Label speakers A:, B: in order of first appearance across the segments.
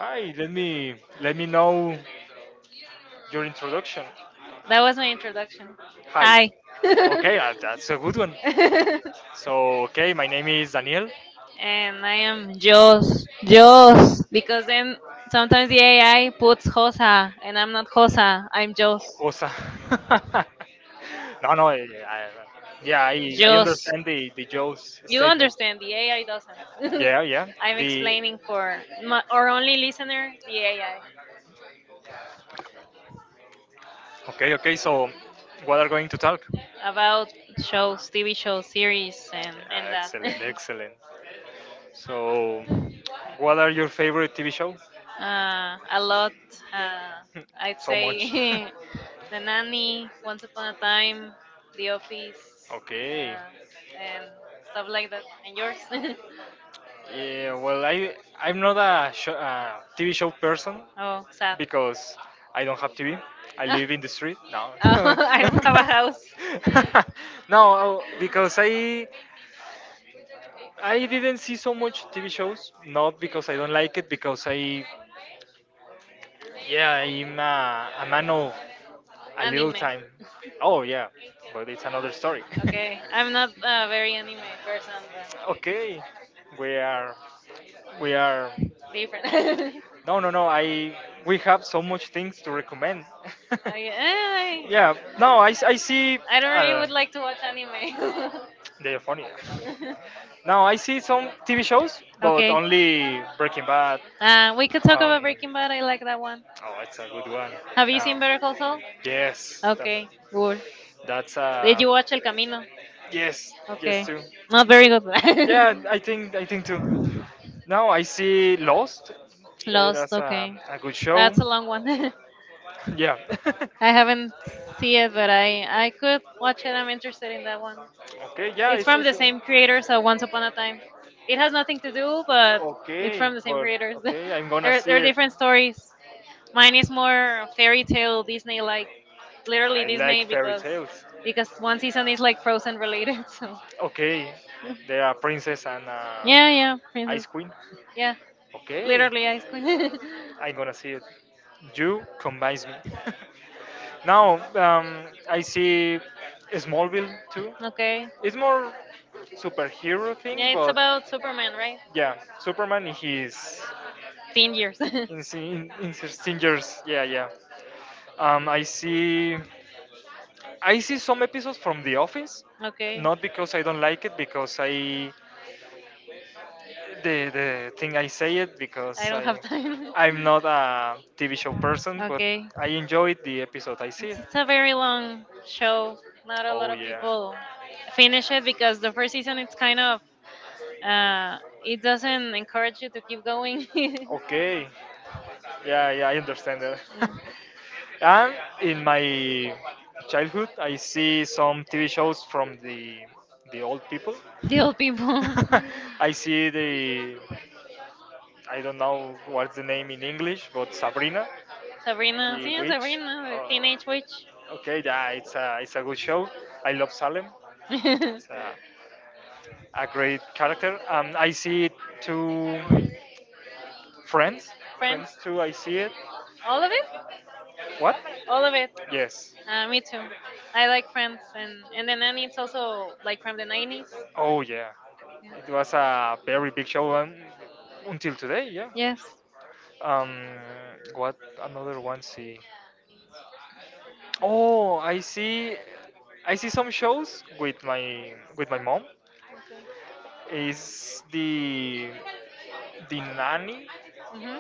A: Hi, let me know your introduction.
B: That was my introduction.
A: Hi.
B: Hi.
A: Hi. Okay, that's a good one. So, okay, my name is Daniel
B: And I am Jos. Jos. Because then sometimes the AI puts Josa, and I'm not Josa. I'm Jos.
A: Osa. No, yeah, I
B: Jos.
A: understand the jokes.
B: You understand, the AI doesn't.
A: Yeah, yeah.
B: I'm
A: The
B: explaining for our only listener, the AI,
A: okay, okay. So, what are going to talk?
B: about shows, TV shows,
A: Yeah,
B: series, and that.
A: excellent, excellent. So, what are your favorite TV show?
B: A lot. Uh, I'd
A: So much.
B: say The Nanny, Once Upon a Time, The Office,
A: Okay.
B: uh, and stuff like that. And yours?
A: Yeah, well, I'm not a sho TV show person
B: Oh, sad.
A: because I don't have TV. I
B: Ah,
A: live in the street. No.
B: oh, I don't have a house.
A: No, because I didn't see so much TV shows, not because I don't like it, because I, yeah, I'm a man of a little
B: Anime.
A: time. Oh, yeah, but it's another story.
B: Okay, I'm not a very anime person, but
A: Okay, we are, we are.
B: different. okay.
A: No. I we have so much things to recommend.
B: eh,
A: Yeah, no, I, s- I see.
B: I don't
A: I don't
B: really would like to watch
A: know.
B: anime.
A: They are funny. No, I see some TV shows, but
B: Okay.
A: only Breaking Bad.
B: We could talk
A: Um,
B: about Breaking Bad. I like that one.
A: oh, it's a good one.
B: Have you
A: Um,
B: seen Better Call Saul?
A: yes,
B: Okay. Good.
A: that's
B: Did you watch El Camino?
A: yes, yes
B: Okay.
A: too.
B: Not very good.
A: Yeah, I think too. Now I see Lost. It
B: Lost.
A: was
B: Okay.
A: a good show.
B: That's a long one.
A: Yeah.
B: I haven't see it, but I could watch it. I'm interested in that one.
A: Okay. Yeah,
B: It's
A: it's
B: from the same creator, so Once Upon a Time. It has nothing to do, but it's
A: okay,
B: from the same
A: but
B: creators.
A: okay, I'm gonna
B: they're
A: see
B: they're
A: it.
B: different stories. Mine is more fairy tale Disney like. Literally
A: I
B: Disney
A: like fairy
B: because
A: tales.
B: because one season is like Frozen related. So,
A: Okay, they are princess and
B: yeah, yeah,
A: ice
B: Princess.
A: queen.
B: Yeah,
A: Okay,
B: literally Ice Queen.
A: I'm gonna see it. You convince me. Now I see Smallville too.
B: okay.
A: It's more superhero thing,
B: Yeah, it's
A: but
B: about Superman, right?
A: yeah, Superman in his
B: 10 years.
A: in his dangers. Yeah, yeah. I see. I see some episodes from The Office.
B: okay.
A: Not because I don't like it, because I the thing I say it
B: I
A: because
B: don't have time.
A: I'm not a TV show person, but
B: okay.
A: I enjoyed the episode I see.
B: It's a very long show. Not a lot
A: Oh
B: of
A: yeah.
B: people finish it because the first season it's kind of uh it doesn't encourage you to keep going. yeah.
A: Okay. Yeah, yeah, I understand that. And in my childhood, I see some TV shows from the old people.
B: The old people.
A: I see the I don't know what's the name in English, but Sabrina,
B: Sabrina,
A: the
B: sí,
A: witch.
B: Sabrina, the
A: Oh,
B: Teenage Witch.
A: okay, yeah, it's a good show. I love Salem.
B: Friends.
A: It's a great character. I see it to Friends. Friends too. I see it.
B: All of it?
A: What?
B: All of it.
A: Yes.
B: Me too. I like Friends, and then Nanny. It's also like from the 90s.
A: Oh yeah,
B: Yeah.
A: it was a very big show until today. Yeah.
B: Yes.
A: Um, what another one see? Oh, I see. I see some shows with my mom. Is the nanny
B: Hmm.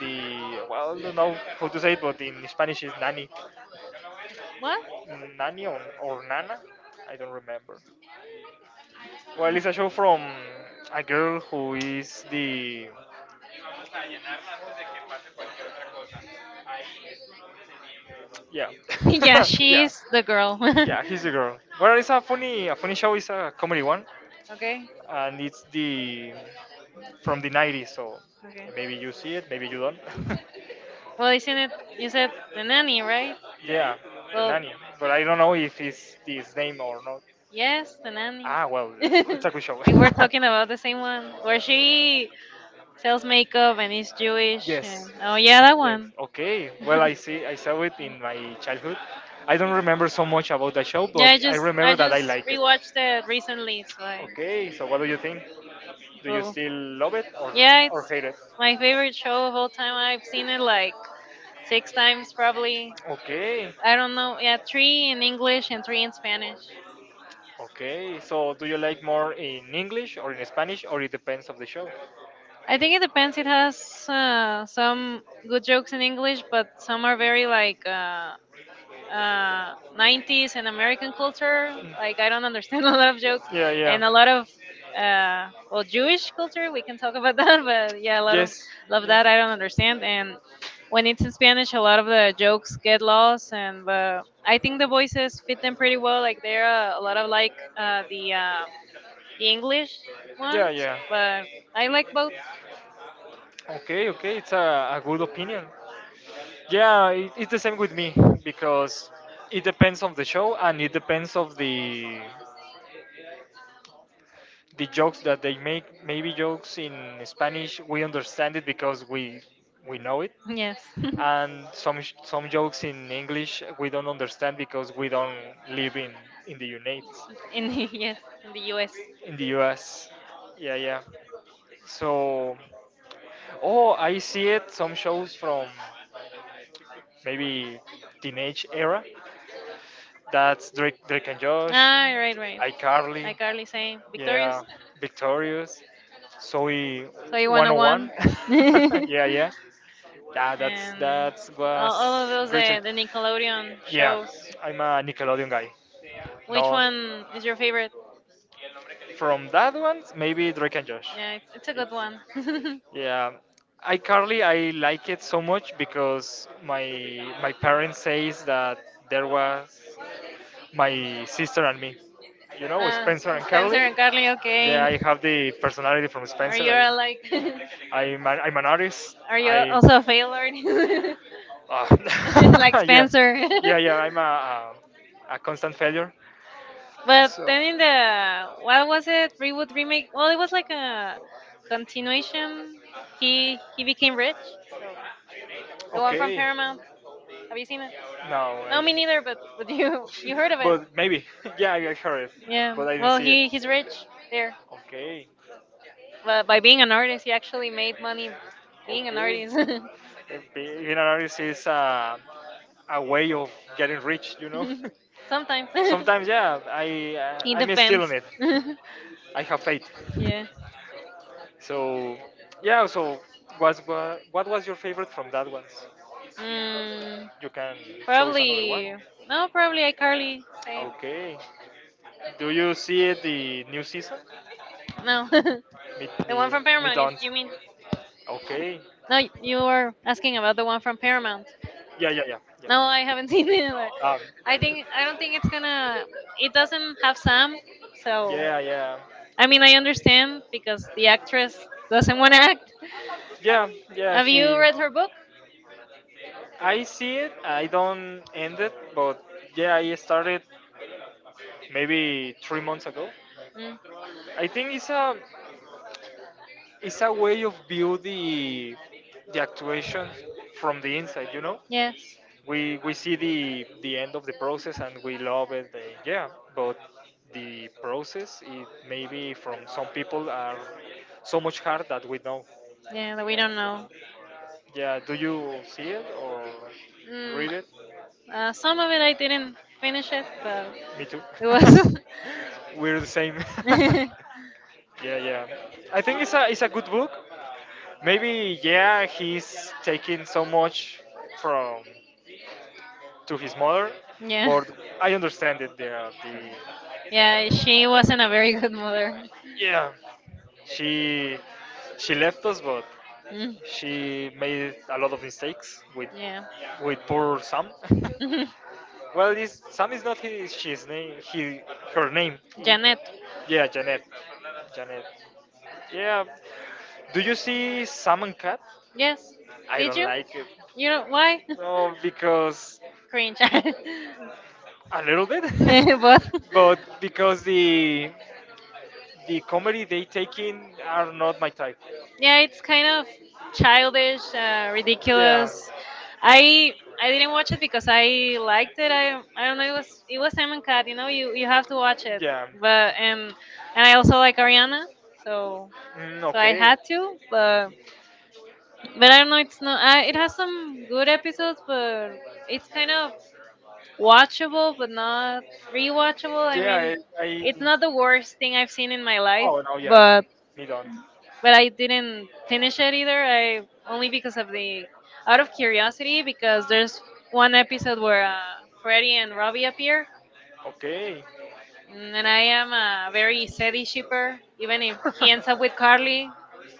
A: the well I don't know how to say it, but in Spanish is nanny,
B: What?
A: nanny or nana. I don't remember. Well, it's a show from a girl who is the yeah
B: Yeah,
A: Yeah. yeah
B: she's the girl.
A: Yeah, he's the girl. Well, it's a funny show. It's a comedy one,
B: okay.
A: and it's the from the '90s. So
B: Okay.
A: maybe you see it, maybe you don't.
B: Well, isn't it? You said the nanny, right?
A: Yeah, the
B: Well,
A: nanny. But I don't know if it's his name or not.
B: yes, the nanny.
A: Ah, well, it's a good show.
B: we were talking about the same one where she sells makeup and is Jewish.
A: Yes.
B: And, oh yeah, that one.
A: Okay. Well, I see. I saw it in my childhood. I don't remember so much about the show, but
B: yeah, I
A: I
B: just I
A: remember that I
B: just
A: like it.
B: rewatched it recently. So I
A: Okay, so what do you think? Do you
B: will
A: still love it or,
B: Yeah,
A: yes, or
B: it's
A: hate it?
B: my
A: like
B: favorite show of all time. I've seen it like
A: like
B: six times probably.
A: okay,
B: I don't know. Yeah, three in English and three in Spanish.
A: okay. So do you like more in English or in Spanish or it depends of the show?
B: I think it depends. It has
A: uh,
B: some good jokes in English, but some are very like
A: um, like
B: 90s and American culture.
A: like
B: Like I don't understand a lot of jokes
A: yeah, yeah.
B: and a lot
A: uh,
B: of well, Jewish culture. We can talk about that, but yeah, a lot of, yes,
A: Yes.
B: love that I don't understand. And when it's in Spanish, a lot of the jokes get lost. And but I think the voices fit them pretty well. Like they're a lot of
A: Like
B: like the English
A: yeah,
B: ones,
A: yeah.
B: but I like both.
A: Okay, okay, it's a good opinion. Yeah, it, it's the same with me because it depends on the show and it depends of the jokes that they make. Maybe jokes in Spanish we understand it because we know it,
B: Yes.
A: and some some jokes in English we don't understand because we don't live in the United
B: in the, yes, in the US.
A: in the U.S. Yeah, yeah. So. Oh, I see it. Some shows from maybe teenage era. That's Drake and Josh,
B: Ah, right, right.
A: iCarly,
B: iCarly, same. Victorious.
A: yeah, Victorious, Zoe
B: So you wanna
A: 101.
B: one? and
A: Yeah, yeah, yeah. That's
B: all of
A: was
B: those,
A: great.
B: the Nickelodeon
A: Yeah,
B: shows.
A: I'm a Nickelodeon guy.
B: Which
A: No,
B: one is your favorite?
A: from that one, maybe Drake and Josh.
B: Yeah, it's a good one.
A: Yeah, iCarly I like it so much because my parents says that there was my sister and me. You know,
B: uh,
A: Spencer and
B: Spencer
A: Carly.
B: and Carly,
A: Yeah,
B: okay.
A: I have the personality from
B: Are you
A: Spencer.
B: alike?
A: I'm an artist.
B: Are you
A: I
B: also a failure?
A: uh,
B: like
A: yeah,
B: Spencer.
A: yeah, yeah. I'm a constant failure.
B: but
A: So
B: then in the, what was it? Reboot remake. Well, it was like a continuation. He became rich. So the one from
A: okay.
B: Paramount.
A: Paramount. Have
B: Have
A: you
B: you
A: seen
B: seen it?
A: it? No,
B: No, me neither.
A: neither.
B: But but
A: But you
B: you
A: you
B: you
A: heard
B: heard
A: of
B: of
A: it?
B: it?
A: But maybe. Yeah, I heard it, yeah.
B: Yeah.
A: But I didn't well,
B: Well,
A: see. Rich.
B: he's rich there.
A: They okay.
B: But
A: But
B: by being an artist, he
A: we
B: actually
A: made
B: made
A: money
B: money
A: being an
B: being an
A: okay
B: artist.
A: artist. Eh, being an artist is a way of getting rich, you know.
B: know. Sometimes.
A: Sometimes. Sometimes, yeah, I
B: It
A: even I'm still on
B: depends.
A: it. Famous.
B: Feeling it.
A: I have faith. Yeah.
B: yeah.
A: So, yeah. So, was what was your favorite from that one?
B: Mm,
A: You can choose another one.
B: probably. No, probably iCarly. Same.
A: Okay. Do you see it the new season?
B: No. the
A: Me, me,
B: one from
A: me
B: Paramount, you,
A: don't.
B: you mean?
A: Okay.
B: No, you were asking about the one from Paramount.
A: Yeah, yeah,
B: No,
A: yeah,
B: I haven't seen
A: yeah.
B: it, either. I don't think it's gonna. It doesn't have Sam, so
A: Yeah, yeah,
B: I mean I understand because the actress doesn't want to act.
A: yeah, yeah.
B: Have
A: He,
B: you read her book?
A: I see it. I don't end it, but yeah, I started maybe 3 months ago.
B: Mm,
A: I think it's a it's a way of view the actuation from the inside. You know,
B: yes.
A: we see the end of the process and we love it. Yeah, but the process it maybe from some people are so much hard that we know.
B: Yeah, that we don't know.
A: Yeah, do you see it or
B: Mm,
A: read it?
B: some of it I didn't finish it, but
A: Me too.
B: it was.
A: We're the same. Yeah, yeah. I think it's a good book. Maybe yeah, he's taking so much from to his mother,
B: yeah.
A: but I understand it. Yeah, the
B: Yeah, she wasn't a very good mother.
A: yeah, she she left us, but
B: Mm,
A: she made a lot of mistakes with
B: yeah.
A: poor Sam.
B: Mhm.
A: Well, this Sam is not his she's name. He her name.
B: Janet.
A: Yeah, Janet. Janet. Yeah. Do you see Salmon Cat?
B: Yes.
A: I
B: Did
A: don't
B: you?
A: like it.
B: You know why?
A: No, because
B: Cringe.
A: a little bit,
B: Both.
A: but because the comedy they take in are not my type.
B: Yeah, it's kind of childish,
A: Yeah.
B: ridiculous. I i didn't watch it because I liked it. I don't know, it was Simon Cat. You know, you have to watch it,
A: Yeah.
B: but and I also like Ariana, so
A: Mm,
B: so I
A: okay.
B: had to, but I don't know, it's not, it has some good episodes but it's kind of watchable but not rewatchable, I mean
A: Yeah,
B: it's
A: I
B: not the worst thing I've seen in my life,
A: oh no, yeah, me don't.
B: but I didn't finish it either. I only because of the out of curiosity because there's one episode where Freddy and Robbie appear,
A: Okay,
B: and I am a very steady shipper. Even if he ends up with Carly,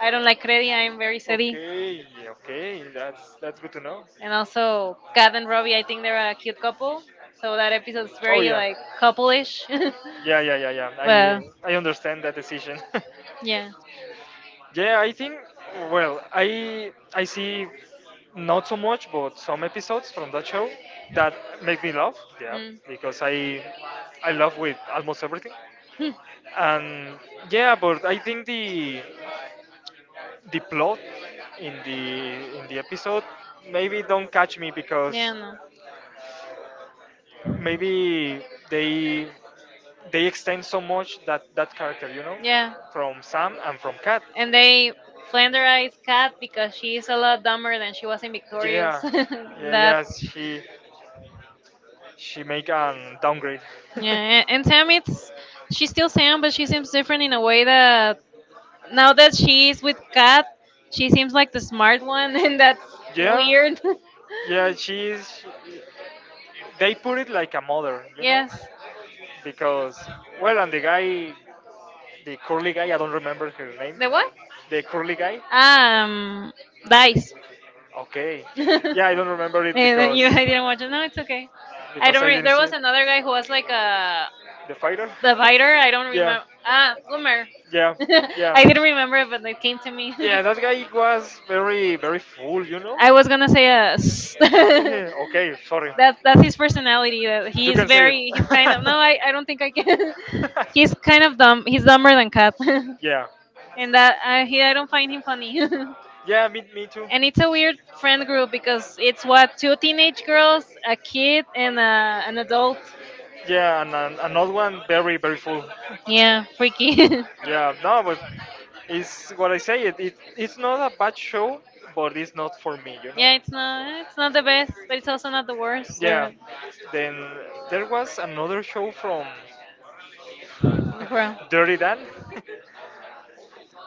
B: I don't like Freddy. I am very steady,
A: okay, yeah, okay. That's good to know.
B: and also Kat and Robbie. I think they're a cute couple. So that episode's, oh,
A: Oh
B: very
A: yeah,
B: like couple-ish. yeah,
A: yeah,
B: yeah,
A: yeah, yeah, yeah. I understand that decision.
B: yeah,
A: Yeah, I think well, I see not so much, but some episodes from that show that make me laugh. Yeah,
B: mm.
A: because I laugh with almost everything, and yeah, but I think the plot in the episode maybe don't catch me
B: yeah,
A: because
B: no.
A: maybe they they extend so much that that character, you know,
B: Yeah.
A: from Sam and from Kat.
B: And they flanderized Kat because she is a lot dumber than she was in Victorious.
A: Yeah, yeah, yes.
B: That's
A: She make an downgrade. Yeah,
B: Yeah. And Sam, it's she's still Sam, but she seems different in a way that now that she is with Kat, she seems like the smart one, and that's
A: yeah,
B: weird.
A: yeah. She's they put it like a mother, you know, yeah,
B: yes.
A: because well, and the guy, the curly guy, I don't remember her name.
B: The
A: The
B: what?
A: what? The curly guy. Ah,
B: Um, Dice.
A: right. Okay.
B: and
A: Yeah, I don't remember it yeah,
B: then
A: because
B: I didn't watch it. No, it's okay. I
A: because
B: don't.
A: I didn't
B: There
A: see
B: was another guy who was like a.
A: it. The fighter.
B: The biter? I don't
A: Yeah,
B: remember. Ah,
A: ah,
B: Goomer.
A: yeah, yeah.
B: I
A: Like
B: didn't remember it, but it came to me.
A: yeah, that guy was very, very full, you know?
B: I
A: I
B: was
A: was
B: gonna say yes.
A: gonna say
B: that's
A: that. Okay, sorry.
B: that's his personality. That
A: You
B: he's
A: can say it.
B: very. He's kind of. No, I don't think I can. he's kind of dumb. He's dumber than Cat,
A: Yeah.
B: and that I he I don't find him funny. and
A: Yeah, me too.
B: it's a weird friend group because it's what two teenage girls, a kid, and an adult.
A: Yeah, and an, another one very, very full.
B: Yeah, freaky.
A: Yeah, no, but it's what I say. It it's not a bad show, but it's not for me, you know.
B: Yeah, it's not
A: Yeah,
B: the best, but it's also not the worst.
A: yeah.
B: They're,
A: Then there was another show from
B: for real.
A: Dirty Dan.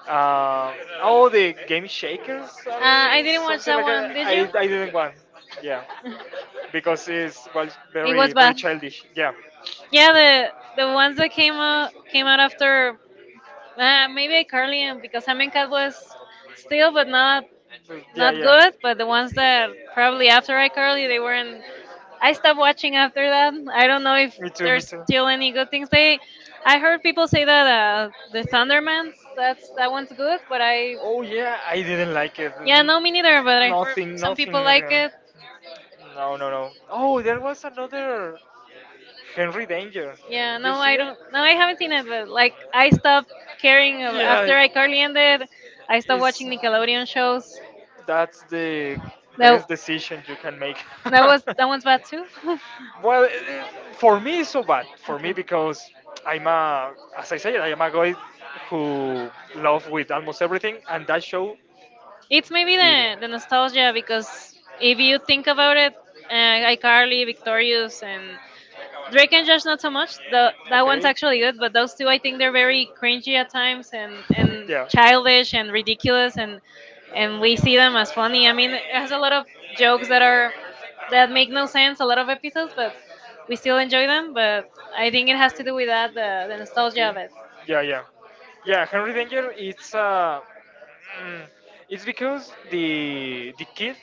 A: Uh, oh, the Game Shakers or
B: I didn't watch
A: something
B: that
A: like
B: one.
A: that.
B: Did you?
A: I didn't want. Yeah. Because it's well,
B: It
A: very,
B: was
A: very
B: bad.
A: childish. Yeah.
B: Yeah, the ones that came out after maybe Carly and because Sam and Cat was still, but not
A: Yeah,
B: not
A: yeah.
B: good. But the ones that probably after iCarly, they weren't I stopped watching after that. I don't know if
A: Me
B: there's
A: too.
B: still any
A: People
B: good
A: can
B: things.
A: say,
B: I
A: I heard
B: heard people
A: people say
B: say
A: that
B: that the
A: the Thunderman,
B: Thundermans,
A: that's
B: that's that
A: that
B: one's
A: one's
B: good,
A: good,
B: but
A: but I oh yeah, I didn't like it. Yeah,
B: yeah, no, me neither. But I heard
A: Nothing,
B: some
A: nothing,
B: people
A: people like
B: like it.
A: nothing. No, no, no. Oh, there was another Henry Danger. Yeah.
B: Yeah,
A: You
B: no,
A: no, see I
B: I
A: it?
B: don't. No,
A: Now
B: I
A: I
B: haven't seen it. But like, I stopped
A: stopped caring
B: caring
A: yeah,
B: after
A: after
B: iCarly ended. I stopped watching
A: I
B: Nickelodeon shows.
A: that's the
B: That
A: best decision you can make.
B: that was that one's bad too.
A: Well, for me, it's so bad. For me, because I'm a, as I said, I am a guy who love with almost everything, and that show,
B: It's maybe the nostalgia because if you think about it, uh, iCarly, Victorious, and Drake and Josh, not so much. That one's
A: okay,
B: actually good, but those two, I think they're very cringy at times and childish and ridiculous, and we see them as funny. I mean, it has a lot of jokes that make no sense, a lot of episodes, but we still enjoy them. But I
A: yeah,
B: think it has to do with that, the nostalgia
A: okay.
B: of it.
A: Yeah, yeah, yeah. Henry Danger. It's mm, it's because the kid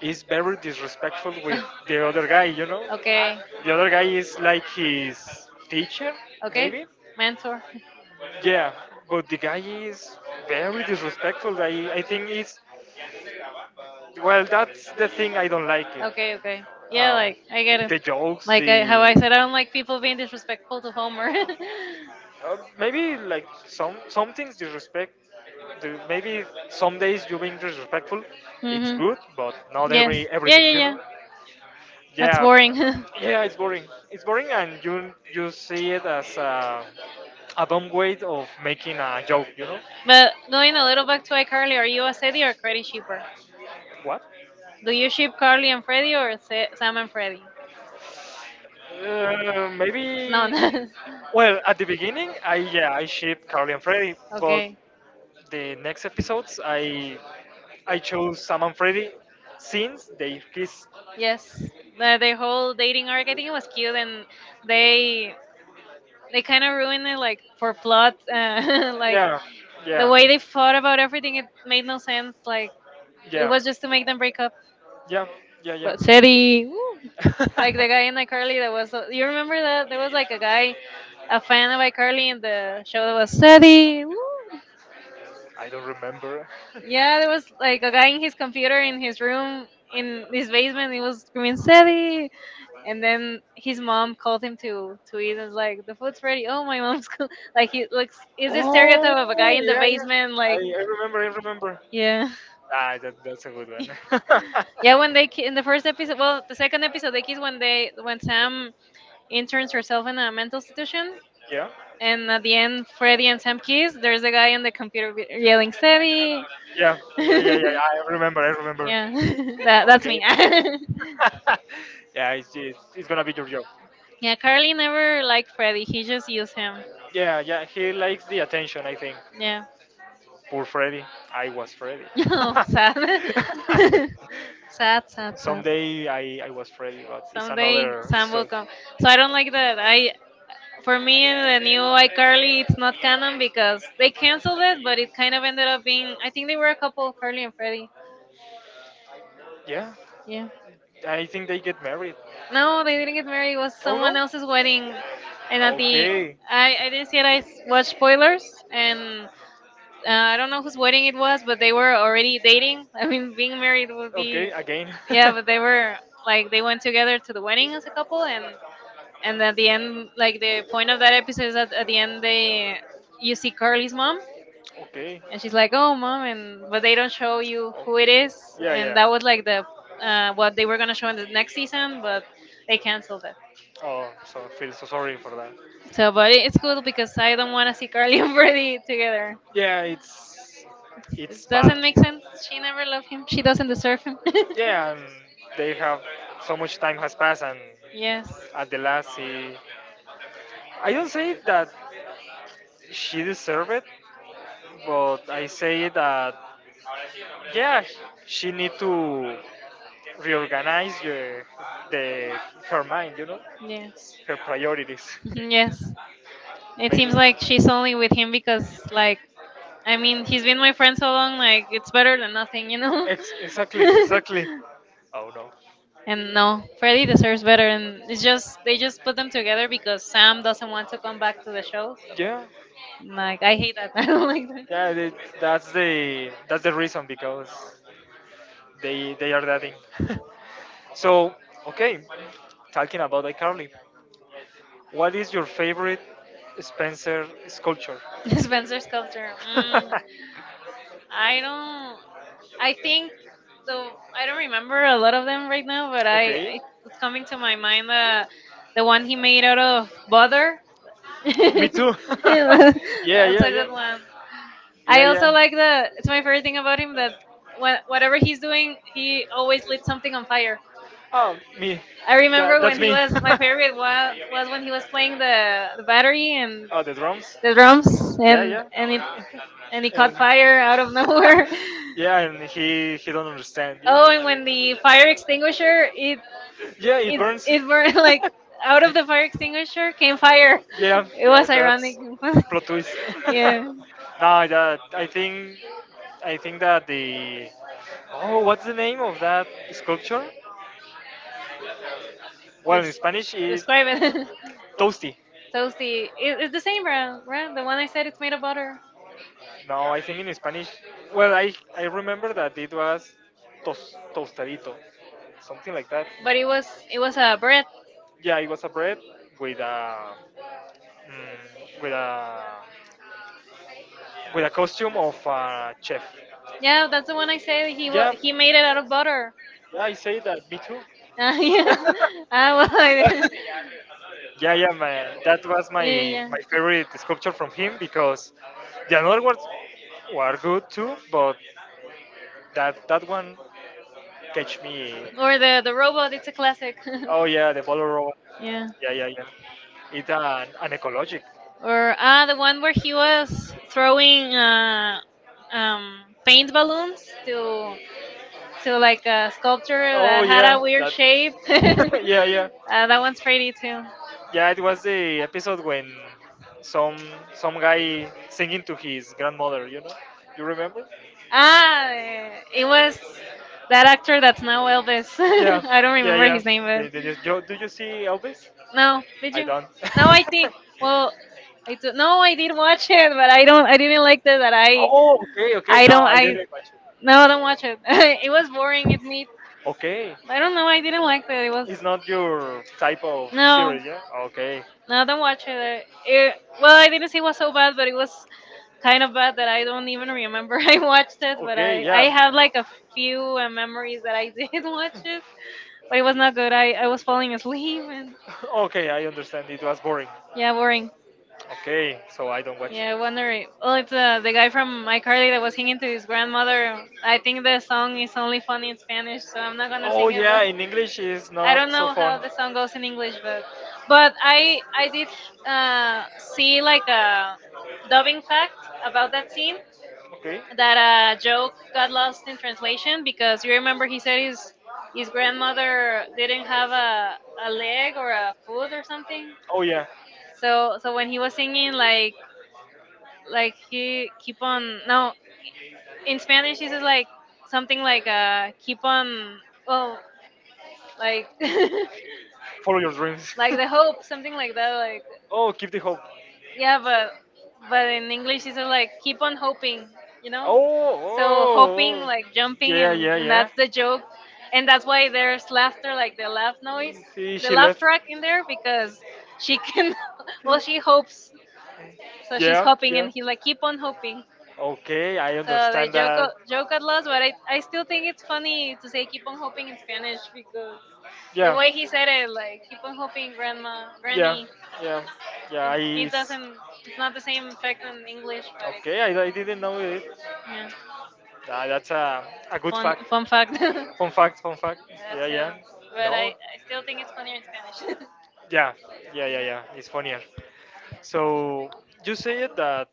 A: is very disrespectful with the other guy. You know,
B: okay.
A: the other guy is like his teacher,
B: Okay. Maybe.
A: maybe.
B: Mentor.
A: Yeah, but the guy is very disrespectful. I think it's well. That's the thing I don't like
B: Okay, okay.
A: it.
B: Yeah,
A: Um,
B: like I get it.
A: the jokes,
B: Like I, the how I
A: the
B: said, I don't like people being disrespectful to Homer. it's
A: Maybe like some things disrespect. Maybe some days you being disrespectful. It's
B: mhm.
A: good, but
B: All
A: not
B: that, yes. Be,
A: every
B: yeah,
A: everything,
B: everything.
A: you
B: Yeah, yeah.
A: know.
B: That's
A: Yeah,
B: boring.
A: yeah, it's boring. It's boring, and you see it as a dumb way of making a joke, you know.
B: but going a little back to iCarly, are you a Sadie or Freddy shipper?
A: What?
B: Do you ship Carly and Freddy or Sam and Freddy?
A: Maybe.
B: No. no.
A: Well, at the beginning, I yeah, I ship Carly and Freddy, but
B: Okay.
A: the next episodes, I chose Sam and Freddy since they kiss.
B: Yes, the whole dating arc. I think it was cute, and they they kind of ruined it, like for plot. Like
A: Yeah,
B: the
A: yeah,
B: way they thought about everything, it made no sense. Like it
A: yeah,
B: was just to make them break up.
A: yeah, yeah, yeah.
B: But Seti, woo, like the guy in iCarly that was. You remember that there was like a guy, a fan of iCarly in the show that was Seti. Woo.
A: I don't remember.
B: Yeah, there was like a guy in his computer in his room in his basement. He was screaming Seti. And then his mom called him to eat and was like, the food's ready, oh, my mom's cool. like he looks, is this
A: Oh,
B: stereotype of a guy in the
A: yeah, yeah.
B: basement, like,
A: I remember, I remember.
B: yeah.
A: Ah, that, that's a good one.
B: yeah, when they in the first episode, well, the second episode they kiss, when they when Sam interns herself in a mental institution,
A: Yeah.
B: and at the end Freddy and Sam kiss, there's a guy on the computer yelling Steady.
A: Yeah. Yeah. Yeah. Yeah. I remember. I remember.
B: yeah. That's
A: Okay.
B: me.
A: Yeah. It's gonna be your job.
B: yeah, Carly never liked Freddy, he just used him.
A: Yeah. Yeah. He likes the attention, I think.
B: Yeah.
A: Poor Freddy. I was Freddy.
B: Oh, sad. Sad, sad, sad.
A: Someday I was Freddy, but it's
B: Someday
A: another
B: Sam will
A: story.
B: come. So I don't like that. I For me, the new iCarly it's not canon because they canceled it, but it kind of ended up being, I think they were a couple, Carly and Freddie.
A: Yeah.
B: Yeah.
A: I think they get married.
B: No,
A: No.
B: they didn't get married. It was
A: Oh no?
B: someone else's wedding, and at the
A: Okay.
B: I didn't see it. Watched
A: Like
B: spoilers, and I
A: I
B: don't
A: don't
B: know
A: know
B: whose
A: what
B: wedding
A: it
B: it
A: was,
B: was, but
A: but
B: they
A: they
B: were
A: were
B: already
A: already dating.
B: dating. I
A: I mean,
B: mean,
A: being
B: being married
A: married.
B: would be
A: Okay, again. Yeah,
B: yeah, but
A: but
B: they
A: they were
B: were,
A: like,
B: like, they
A: they
B: went
A: went together
B: together to
A: to
B: the
A: the wedding
B: wedding as
A: as
B: a
A: a couple,
B: couple, and
A: and
B: and at
A: at
B: the
A: the end,
B: end, like,
A: like, the
B: the point
A: point
B: of
A: of
B: that
A: that
B: episode
A: episode
B: is
A: was
B: that
A: that
B: at
A: at
B: the
A: the end
B: end
A: they,
B: they, you
A: you
B: see
A: see
B: Carly's
A: Carly's
B: mom
A: mom, okay. And
B: and she's
A: she's
B: like,
A: like,
B: "Oh,
A: "Oh, mom,"
B: mom,"
A: and
B: and but
A: but
B: they
A: they
B: don't
A: don't show
B: show
A: you
B: you who
A: who
B: it
A: it, okay, is.
B: is,
A: Yeah, and
B: and
A: yeah, that
B: that was
A: was
B: like
A: like the,
B: the what
A: what
B: they
A: they
B: were
A: were
B: gonna
A: gonna
B: show
A: show
B: in
A: in
B: the
A: the
B: next
A: next season,
B: season, but
A: but
B: they
A: they
B: canceled
A: canceled
B: it.
A: that. Oh, so I feel so sorry for that.
B: So,
A: So
B: but it's cool because I don't want to see Carly and Brady together.
A: yeah,
B: It
A: it's bad.
B: doesn't make sense, she never loved him, she doesn't deserve him.
A: Yeah, and they have so much time has passed, and
B: Yes.
A: at the last he. I don't say that she deserved it, but I say that yeah, he- she need to reorganize the, her mind, you know,
B: Yes.
A: her priorities.
B: Mhm, yes. It seems like she's only with him because, like, I mean, he's been my friend so long, like, it's better than nothing, you know.
A: Exactly, exactly. Oh no.
B: And no, Freddy deserves better, and it's just they just put them together because Sam doesn't want to come back to the show. So,
A: Yeah.
B: like, I hate that. I don't like that.
A: Yeah, they,
B: Yeah,
A: that's the reason because they are dating. So okay, talking about iCarly, what is your favorite Spencer sculpture? Spencer
B: Spencer's culture. Mm, I don't. I think though, I don't
A: so.
B: remember a lot of them right now, but I,
A: Okay,
B: I it's coming to my mind, the one he made out of butter. Me
A: me too.
B: too. Yeah,
A: Yeah,
B: that's
A: yeah,
B: a
A: yeah,
B: good one.
A: yeah,
B: I also
A: yeah.
B: like the, it's my favorite thing about him that whatever he's doing, he always lit something on fire.
A: Oh, me.
B: I
A: I
B: remember when
A: that's
B: he
A: me.
B: was my favorite was, when he was playing the battery and
A: Oh, the drums?
B: the drums,
A: Yeah, yeah.
B: and it and he caught fire out of nowhere.
A: Yeah, and he don't understand. Yeah,
B: Oh, and when the fire extinguisher it
A: yeah, it
B: it
A: burns.
B: it burned like out of the fire extinguisher came fire.
A: Yeah,
B: It
A: yeah,
B: was ironic.
A: that's plot twist.
B: Yeah.
A: No, that I think that the, oh, what's the name of that sculpture? Well, in Spanish is
B: Describe it.
A: toasty. Yeah.
B: Toasty. It's the same brand, right? The one I said it's made of butter,
A: No, I think in Spanish. Well, I remember that it was tos, tostadito, something like that.
B: but
A: But
B: it was, it
A: it was
B: was a
A: a
B: bread.
A: bread. Yeah, it was a bread with a mm, with a with a costume of a chef.
B: Yeah,
A: Yeah,
B: that's the one I said
A: he yeah,
B: he made
A: made
B: it
A: it,
B: out of butter.
A: yeah, I say that. Me too.
B: Ah,
A: Yeah.
B: yeah. Ah, well, I didn't.
A: Like, yeah, yeah, man. That was my
B: Yeah, yeah, yeah.
A: my favorite sculpture from him because the another ones were good too, but that that one. Catch Me.
B: Or the robot. It's a classic.
A: Oh yeah, the ball roll.
B: Yeah.
A: Yeah, yeah, yeah. It's an ecologic.
B: Or ah, the one where he was throwing um, paint balloons to like a sculpture
A: Oh
B: that had
A: yeah,
B: a weird shape.
A: that. Yeah, yeah,
B: That one's pretty too.
A: yeah. It was the episode when some some guy singing to his grandmother. You know, you remember?
B: Ah, eh, it was that actor that's now Elvis.
A: Yeah,
B: I don't
A: yeah,
B: remember
A: yeah.
B: his name, but
A: Do you see Elvis?
B: no, did
A: I
B: you?
A: don't.
B: No, I think. Well, I do, no, I did watch it, but I don't. I didn't like that. That
A: Oh, okay, okay.
B: I
A: Now
B: don't.
A: I like
B: I
A: didn't catch
B: no, I don't watch it. It was boring.
A: it.
B: It me.
A: Okay, I don't
B: I don't know.
A: know. I
B: I didn't
A: didn't like
B: like that. It
A: it.
B: was.
A: It's not your type of
B: No,
A: series, yeah? No, okay.
B: no,
A: I
B: don't
A: don't watch
B: watch
A: it.
B: it. It well,
A: Well,
B: I
A: I
B: didn't
A: didn't
B: say
A: see
B: it was so
A: Mortal
B: bad,
A: Kombat, but
B: but it was
A: I
B: kind of bad that I don't even remember. I watched
A: watched,
B: it, but
A: okay, yeah. A
B: I
A: few
B: have like a few
A: memories
B: memories that
A: that I
B: I did
A: did,
B: watch it, but
A: but
B: it
A: it
B: was
A: was not
B: not good.
A: good.
B: I
A: I
B: I was
A: was falling
B: falling asleep and
A: asleep. Okay, I understand. It was boring.
B: yeah, boring.
A: Okay, so I don't watch.
B: Yeah, wondering. Well, it's the guy from iCarly that was singing to his grandmother. I think the song is only funny in Spanish, so I'm not
A: So
B: gonna
A: oh
B: sing it.
A: yeah,
B: But
A: in English is
B: I
A: not
B: don't
A: so
B: know
A: fun.
B: how the song goes in English, but I did uh, see
A: uh,
B: like a dubbing fact about that scene,
A: Okay.
B: that joke got lost in translation because you remember he said his grandmother didn't have a leg or a foot or something.
A: Oh yeah. So
B: So so when he was singing, like
A: like
B: he keep on no, in
A: in
B: Spanish
A: Spanish
B: he says
A: this
B: like something like keep on, well, like,
A: like like follow your dreams.
B: like the hope, something like that, like
A: Oh, keep the hope.
B: yeah,
A: Yeah,
B: but
A: but
B: in English it's like keep on
A: hoping,
B: hoping, you
A: you know. So
B: know. So hoping
A: oh, oh, like
B: like
A: oh.
B: jumping,
A: Yeah, yeah,
B: and
A: yeah.
B: that's the joke,
A: And
B: and that's
A: that's
B: why
A: why there's
B: there's
A: laughter,
B: laughter, like
A: like the
B: the laugh
A: laugh
B: noise,
A: noise, see,
B: the
A: she
B: laugh
A: left.
B: track in there because she can, well,
A: Well, so
B: she hopes, so she's
A: yeah,
B: hoping,
A: yeah.
B: and he's like keep on hoping.
A: Okay, I so
B: So the
A: understand
B: joke
A: that.
B: at lost, but I still think it's funny to say
A: Say,
B: keep
A: keep
B: on
A: hoping
B: hoping in
A: in
B: Spanish
A: Spanish
B: because
A: because yeah, the
B: the
A: yeah,
B: way
A: way
B: he
A: he
B: said
A: said
B: it,
A: it, like,
B: like keep
A: keep
B: on
A: hoping,
B: hoping,
A: grandma,
B: grandma,
A: yeah,
B: granny.
A: granny, yeah.
B: It,
A: Yeah, it I. It
B: it
A: s- doesn't,
B: doesn't. It's not
A: not
B: the
A: the same
B: same
A: effect
B: effect on
A: as in
B: English,
A: English, but
B: but it's
A: okay, I didn't know it.
B: yeah.
A: Ah, that's a good
B: Fun
A: fact, fun
B: fact.
A: fact.
B: Yeah,
A: Yeah. Fun fact. Fun fact.
B: that's
A: Yeah, yeah. Yeah.
B: how.
A: But I no,
B: But I
A: like,
B: I still
A: still think
B: think it's
A: it's
B: funnier
A: funnier
B: in
A: in
B: Spanish.
A: Spanish. Yeah. Yeah. Yeah. Yeah, it's funnier. So you said that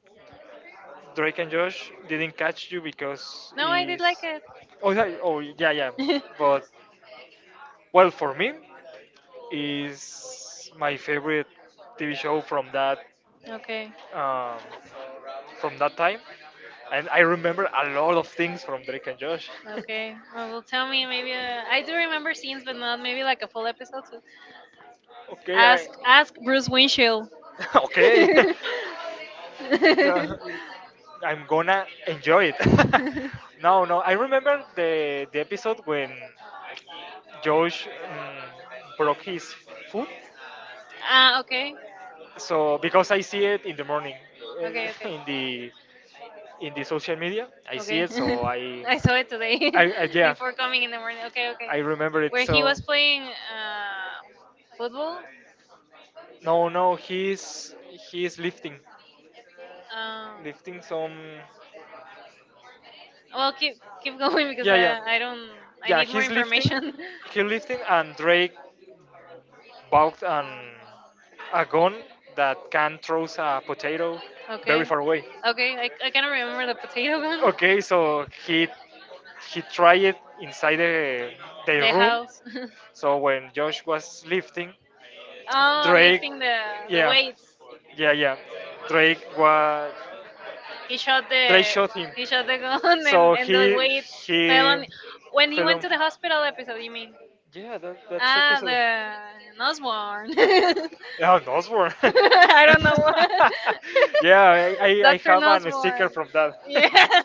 A: Drake and Josh didn't catch you because
B: No,
A: no,
B: I
A: I did
B: did
A: is like
B: like
A: he's,
B: it.
A: it. Oh yeah, oh yeah yeah, yeah, but well, for me, is my favorite TV show
B: Okay,
A: um, from that time, and I remember a lot of things from Drake and Josh.
B: okay. Well, well, tell me maybe. I do remember scenes, but not maybe like a full episode. So
A: Okay, I,
B: ask Bruce Winchell.
A: okay. Yeah, I'm gonna enjoy it. No, no, I remember the episode when Josh broke his foot,
B: Ah, okay,
A: so because I see it in the morning,
B: okay, okay.
A: in the in the social media, I see
B: Okay.
A: it. So
B: I saw it today
A: I, I yeah,
B: before coming in the morning. Okay, okay.
A: I remember it.
B: Where he
A: So
B: was playing football.
A: no, no, he's lifting,
B: Um,
A: lifting some.
B: well, keep going because
A: Yeah, yeah,
B: I don't, I
A: yeah.
B: need more information.
A: He's lifting, and Drake bought an, a gun that can throw a potato very
B: Okay.
A: far away.
B: Okay, I cannot remember the potato gun.
A: Okay, so he tried it inside the
B: The
A: room.
B: house.
A: So when Josh was lifting,
B: Oh,
A: Drake,
B: lifting the
A: yeah,
B: weights.
A: yeah, yeah, Drake was
B: He shot
A: Drake
B: the,
A: shot him.
B: he shot the gun
A: So
B: and the weight fell
A: he
B: on. When he went
A: film.
B: to the hospital episode, you mean?
A: Yeah, that, that's
B: Ah,
A: episode.
B: the Osborne.
A: Nosworn. Yeah, Nosworn.
B: I
A: I
B: don't know.
A: don't know. Yeah, I
B: Dr.
A: have an sticker
B: Nosborn.
A: Nosworn from
B: Yeah,
A: that.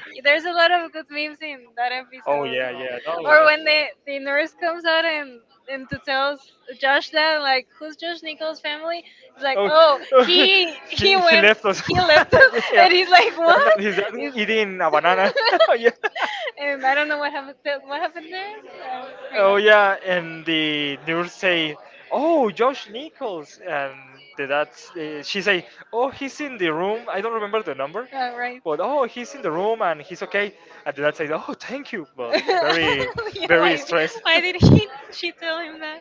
B: there's a lot of good memes in that
A: Yeah.
B: Oh
A: Oh
B: episode. Gosh.
A: yeah, yeah, or
B: Or
A: was,
B: when
A: when
B: the nurse comes out and to tell Josh that, like, who's Josh
A: they tell
B: Nichols'
A: Nicholas'
B: family?
A: family,
B: He's
A: it's like,
B: like, "Oh,
A: oh,
B: oh,"
A: oh,
B: he
A: he went
B: went,
A: left us. He
B: he left
A: left
B: us.
A: us. Yeah,
B: And he's like,
A: and
B: what?
A: then he's
B: Is
A: eating a banana. Yeah.
B: and I don't know what happened. What happened there? I don't Oh
A: Oh
B: remember.
A: yeah, and the nurse say, "Oh, Josh Nichols," and the that's she say, "Oh, he's in the room. I don't remember the number,
B: Right.
A: but oh, he's in the room and he's okay." And the dad said, "Oh, thank you,"
B: Very
A: but very,
B: yeah,
A: very stressed.
B: why did he she tell him that?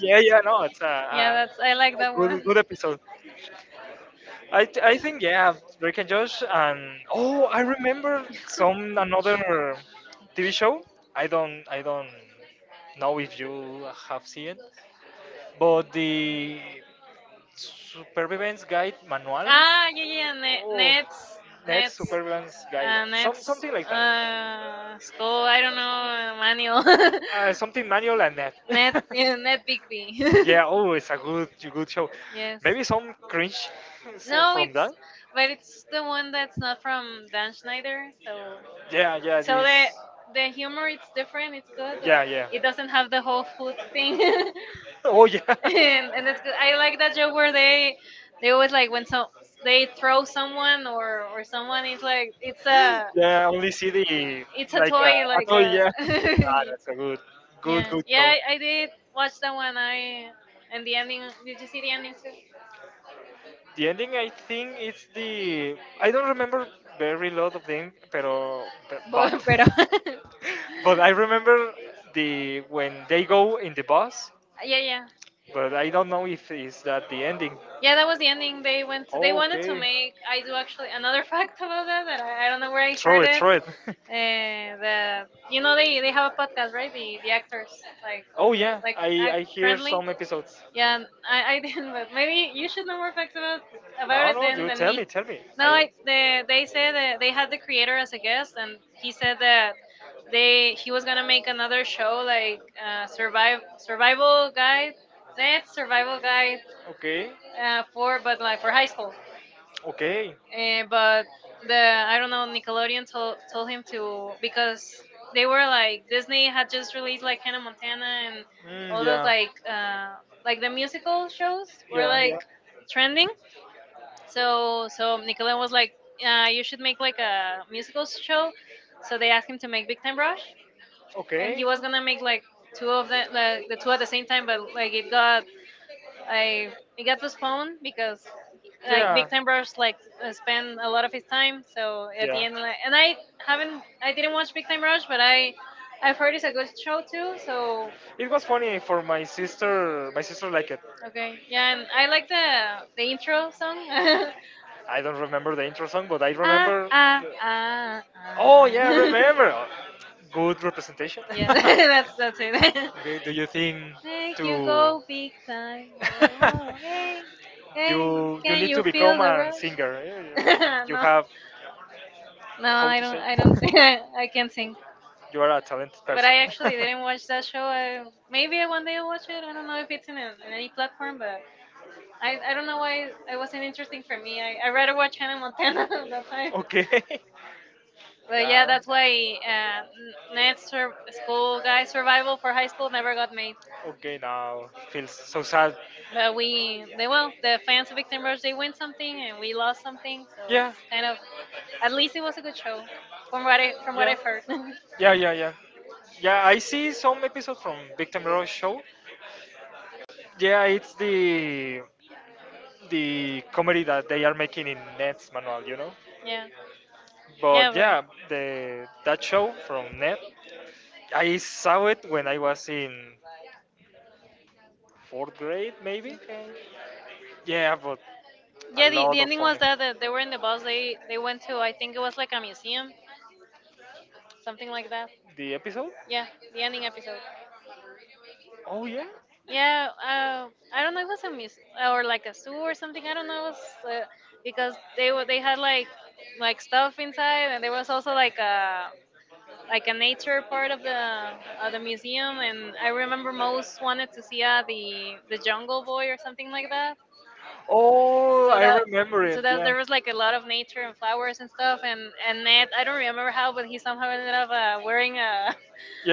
A: Yeah, yeah, no, it's
B: Yeah, that's I like
A: a
B: that
A: good,
B: one.
A: good episode. I, I think yeah, Rick and Josh and oh I remember some another TV show. I don't know if you have seen it, but the Supervivence Guide Manual.
B: Ah,
A: Ah,
B: yeah,
A: yeah,
B: yeah,
A: yeah,
B: net,
A: net, oh, nets,
B: Nets,
A: net nets,
B: Nets,
A: Supervivence Guide, some
B: Nets,
A: something like that.
B: school, I don't know, manual,
A: Something manual and net.
B: Net, yeah, Net Bigby.
A: Yeah, oh, it's a good good show.
B: Yes.
A: Maybe some cringe
B: No,
A: from
B: it's,
A: that.
B: but it's the one that's not from Dan Schneider,
A: Schneider. So,
B: so,
A: yeah, yeah, so
B: so
A: the this,
B: the
A: the
B: humor
A: humor it's
B: it's
A: different.
B: different,
A: It's
B: it's good,
A: good.
B: but
A: Yeah, yeah.
B: it
A: It
B: doesn't
A: doesn't know
B: have the whole food
A: food
B: thing.
A: thing. Oh yeah. And it's
B: And that's good.
A: good.
B: I
A: I
B: like
A: like
B: that joke where they always, like, when so they throw
A: someone
B: someone or
A: or someone
B: someone is
A: is
B: like it's
A: like so.
B: a,
A: Yeah, I only see the
B: it's
A: it's a
B: a
A: like toy,
B: toy like
A: A toy.
B: a
A: Yeah, ah, that's a good, good,
B: yeah
A: good show.
B: yeah I did watch that one
A: Yeah. Did
B: I and the ending,
A: you
B: did you see
A: see
B: the
A: the
B: ending
A: ending
B: too
A: too? The ending, I think, it's the I don't remember very lot of them, pero but
B: but
A: but,
B: pero
A: But I remember the when they go in the bus, yeah,
B: yeah yeah.
A: yeah. But I don't know if is that the ending.
B: Yeah,
A: Yeah,
B: that
A: that
B: was
A: was
B: the
A: the ending.
B: ending. They
A: They
B: went. They
A: went.
B: wanted to
A: They okay.
B: make. I
A: I
B: do
A: do
B: actually
A: actually
B: another
A: another fact
B: fact about
A: about
B: that
A: that
B: that
A: that
B: I
A: I,
B: don't
A: don't
B: know
A: know
B: where
A: where I,
B: I
A: throw
B: heard
A: it,
B: it.
A: throw it.
B: The, you know they have a podcast, right? The
A: The actors,
B: actors, like
A: like, oh yeah, like
B: like
A: I
B: act
A: like hear
B: currently.
A: some episodes.
B: Yeah,
A: Like,
B: I didn't. But
A: maybe
B: maybe you
A: you
B: should
A: should
B: know
A: know
B: more
A: more
B: facts about
A: facts
B: about
A: about
B: it
A: no, it no, than
B: then
A: you
B: than
A: tell
B: me.
A: me, tell me. So
B: No,
A: I
B: they said that they had the creator as a guest, and he said that they he was gonna make another show
A: show like
B: like
A: survive
B: survive
A: survival
B: survival
A: guy,
B: guide. Net
A: dead
B: survival
A: survival guy,
B: guide,
A: okay,
B: for
A: for
B: but
A: but
B: like
A: like
B: for
A: for
B: high
A: high school.
B: school.
A: Okay. But
B: But the
A: the
B: I don't know Nickelodeon
A: told, told
B: told him
A: him to
B: to
A: because
B: because they
A: they
B: were like Disney had
A: were
B: just
A: just
B: released
A: released
B: like
A: like
B: Hannah Montana
A: Montana and
B: and
A: All those
B: all those
A: yeah, like
B: like the musical
A: musical show
B: shows
A: or
B: were
A: yeah,
B: like
A: like
B: trending.
A: so
B: So so Nickelodeon was like, you should make like a musical
A: show.
B: show. So
A: So
B: they
A: they
B: asked him to make Big Time
A: time rush
B: Rush,
A: and
B: and
A: okay.
B: he
A: He
B: was
A: was gonna
B: gonna
A: do
B: make like two
A: two of
B: of
A: the,
B: them, like the two
A: two
B: at
A: at
B: the
A: the
B: same
A: same time,
B: time, but
A: but
B: like
A: like
B: it
A: it got
B: got
A: like
B: I it
A: he
B: got
A: was home.
B: postponed because like Big
A: Yeah.
B: Time Rush like spent a lot of his time. So at
A: Yeah.
B: the end, like, and I
A: Haven't
B: haven't,
A: I
B: I didn't
A: didn't watch
B: watch
A: Big
B: Big Time
A: Time Rush.
B: Rush, but I, I've
A: I've heard
B: heard it's
A: it's a
B: a good
A: good show
B: show
A: too,
B: too.
A: so
B: So
A: it was funny for my sister. My sister liked it,
B: okay,
A: yeah,
B: yeah, and I
A: I
B: like
A: like the
B: the
A: intro
B: intro
A: song.
B: song.
A: I don't remember the intro song, but I
B: Ah
A: remember,
B: ah
A: the-
B: ah
A: Oh
B: ah.
A: yeah, I remember. Good representation.
B: Yeah,
A: Yeah.
B: that's it.
A: Okay, do you think
B: Make you
A: to
B: go big time. Oh, oh, hey, hey,
A: you
B: can
A: need
B: you
A: to
B: feel
A: become
B: the
A: a
B: rush?
A: singer. Eh, You, you
B: No.
A: have
B: No,
A: how
B: I
A: to
B: don't.
A: say
B: I don't think I can not sing.
A: you are a talented
B: But
A: person.
B: I actually
A: Okay.
B: didn't watch that show. I, maybe one day I'll watch it.
A: Yeah.
B: I don't know if it's in, an in any platform, but I don't know why it wasn't interesting for me. I rather watch Hannah Montana at that time. But yeah, that's why Ned's school guy survival for high school never got made.
A: Okay, now feels so
B: But we, they,
A: sad,
B: well, the fans of Victim Rush, they win
A: something
B: something
A: and
B: and we
A: we
B: lost
A: lost something.
B: something.
A: So
B: So it's
A: yeah,
B: kind
A: kind of,
B: of, at
A: at least
B: least it
A: it was
B: was a
A: a
B: good
A: good show
B: show from
A: from what
B: what
A: I
B: I,
A: from
B: from
A: what
B: what
A: yeah, I've
B: I've
A: heard.
B: heard.
A: Yeah, yeah, yeah. Yeah, I see some episode from Big Time Rush show. Yeah, it's the comedy that they are making in Nets manual, you know. Yeah.
B: Yeah. Yeah,
A: But
B: but.
A: yeah, the that show from Net, I saw it when I was in fourth grade, maybe.
B: Okay.
A: Yeah, but a yeah,
B: Yeah,
A: the lot
B: the
A: of Disney
B: ending was
A: ones,
B: that
A: they
B: they were
A: were in
B: in
A: the
B: the
A: malls.
B: bus.
A: They
B: They
A: went
B: went
A: to,
B: to,
A: I
B: I
A: think,
B: think, it was like a
A: museum,
B: museum,
A: something
B: something
A: like
B: like
A: that.
B: that.
A: The episode? Yeah,
B: Yeah,
A: the
B: the
A: ending
B: ending
A: episode.
B: episode.
A: Oh yeah. Yeah,
B: Yeah, I
A: I
B: don't
A: don't
B: know.
A: know,
B: It was a muse
A: or
B: or like a zoo
A: or
B: or something.
A: something. I
B: I don't
A: don't
B: know. It
A: know,
B: was, because
A: but they
B: they were,
A: were
B: they had
A: like
B: like
A: stuff.
B: stuff inside,
A: And
B: and
A: there
B: there
A: was
B: was
A: also
B: also like a, like
A: like
B: a
A: a
B: nature
A: nature part
B: part
A: of
B: of the
A: the museum,
B: museum.
A: and
B: And I
A: I
B: remember
A: remember most
B: most wanted
A: wanted to
B: to see
A: see
B: the
A: the
B: Jungle
A: jungle,
B: Boy or something
A: something
B: like
A: like that.
B: that.
A: Oh,
B: So I
A: I
B: that
A: yeah, remember
B: remember
A: so
B: so
A: it,
B: it,
A: that's
B: that
A: yeah, where
B: there was
A: there
B: like a lot of nature
A: were
B: and
A: flowers
B: flowers
A: and
B: and
A: stuff,
B: stuff and
A: and
B: Ned, I don't remember
A: somehow,
B: how,
A: but
B: but
A: he
B: he
A: somehow
B: somehow
A: ended
B: ended
A: up
B: up
A: wearing
B: wearing,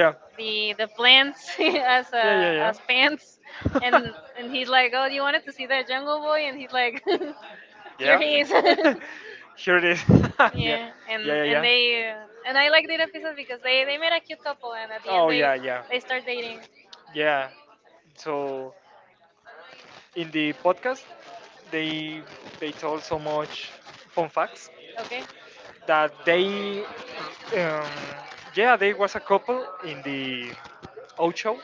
B: the
A: the glance,
B: plants
A: as
B: as,
A: yeah, yeah, yeah,
B: as
A: as fans,
B: pants, and
A: and he's
B: he's like,
A: like,
B: "Oh,
A: "Oh,
B: you
A: you
B: wanted
A: wanted to
B: to
A: see
B: see that
A: that
B: Jungle
A: Jungle Boy?"
B: Boy,"
A: And
B: and he's
A: he's like,
B: like,
A: "Here
B: "Here
A: yeah,
B: he
A: he
B: is."
A: is." Here it is. Yeah, yeah, and yeah, yeah,
B: Yeah,
A: and
B: and
A: yeah, they,
B: they
A: and
B: and
A: I
B: I
A: like
B: like
A: the
B: that
A: people
B: episode
A: because
B: because they
A: they
B: made
A: made
B: a
A: a cute
B: cute
A: couple,
B: couple,
A: and
B: and at
A: at the
B: the
A: end
B: end
A: oh, they yeah, yeah, they
B: they
A: start
B: start
A: dating.
B: dating.
A: Yeah. So in the podcast, they they told so much fun facts,
B: Okay,
A: okay, that they um, yeah they was a couple in the out show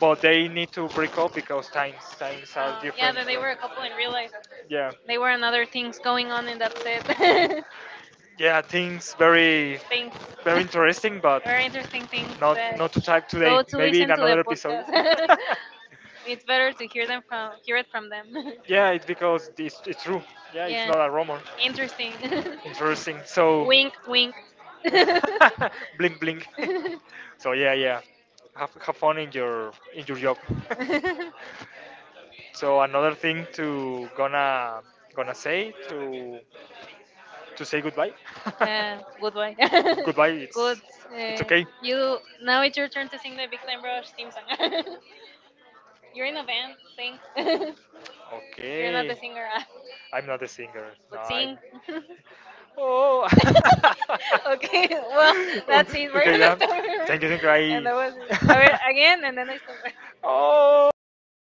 A: but they need to break up because times are
B: yeah,
A: different
B: that
A: from
B: they were a couple in real life,
A: yeah.
B: they were another things going on in that set.
A: Yeah things very
B: Things
A: very interesting but
B: very interesting things
A: not
B: that
A: not to type today
B: go to
A: maybe in
B: listen to the
A: another episode.
B: podcast. It's better to hear them from hear it from them.
A: Yeah, it's because it's true. Yeah, it's
B: Yeah.
A: not a rumor.
B: Interesting.
A: Interesting. So,
B: Wink wink.
A: blink, blink. So yeah, yeah. Have fun in your job. So another thing to gonna gonna say to say goodbye.
B: Yeah, goodbye.
A: Goodbye.
B: Good.
A: It's
B: Uh,
A: okay.
B: you, now it's your turn to sing the Big Time Rush theme song.
A: You're
B: You're
A: in
B: in a
A: a band,
B: band, sing.
A: sing. You're not the,
B: You're not
A: okay,
B: the
A: singer.
B: singer, ah,
A: I'm not a singer. No,
B: but
A: I.
B: sing.
A: Oh. Okay,
B: Okay, well,
A: well,
B: that's it.
A: that's it
B: We're
A: okay,
B: gonna
A: yeah, story.
B: stop here.
A: Thank you, thank you. I.
B: And that was it.
A: That was
B: A
A: the
B: ver,
A: next
B: again, and then I stop.
A: one. Oh.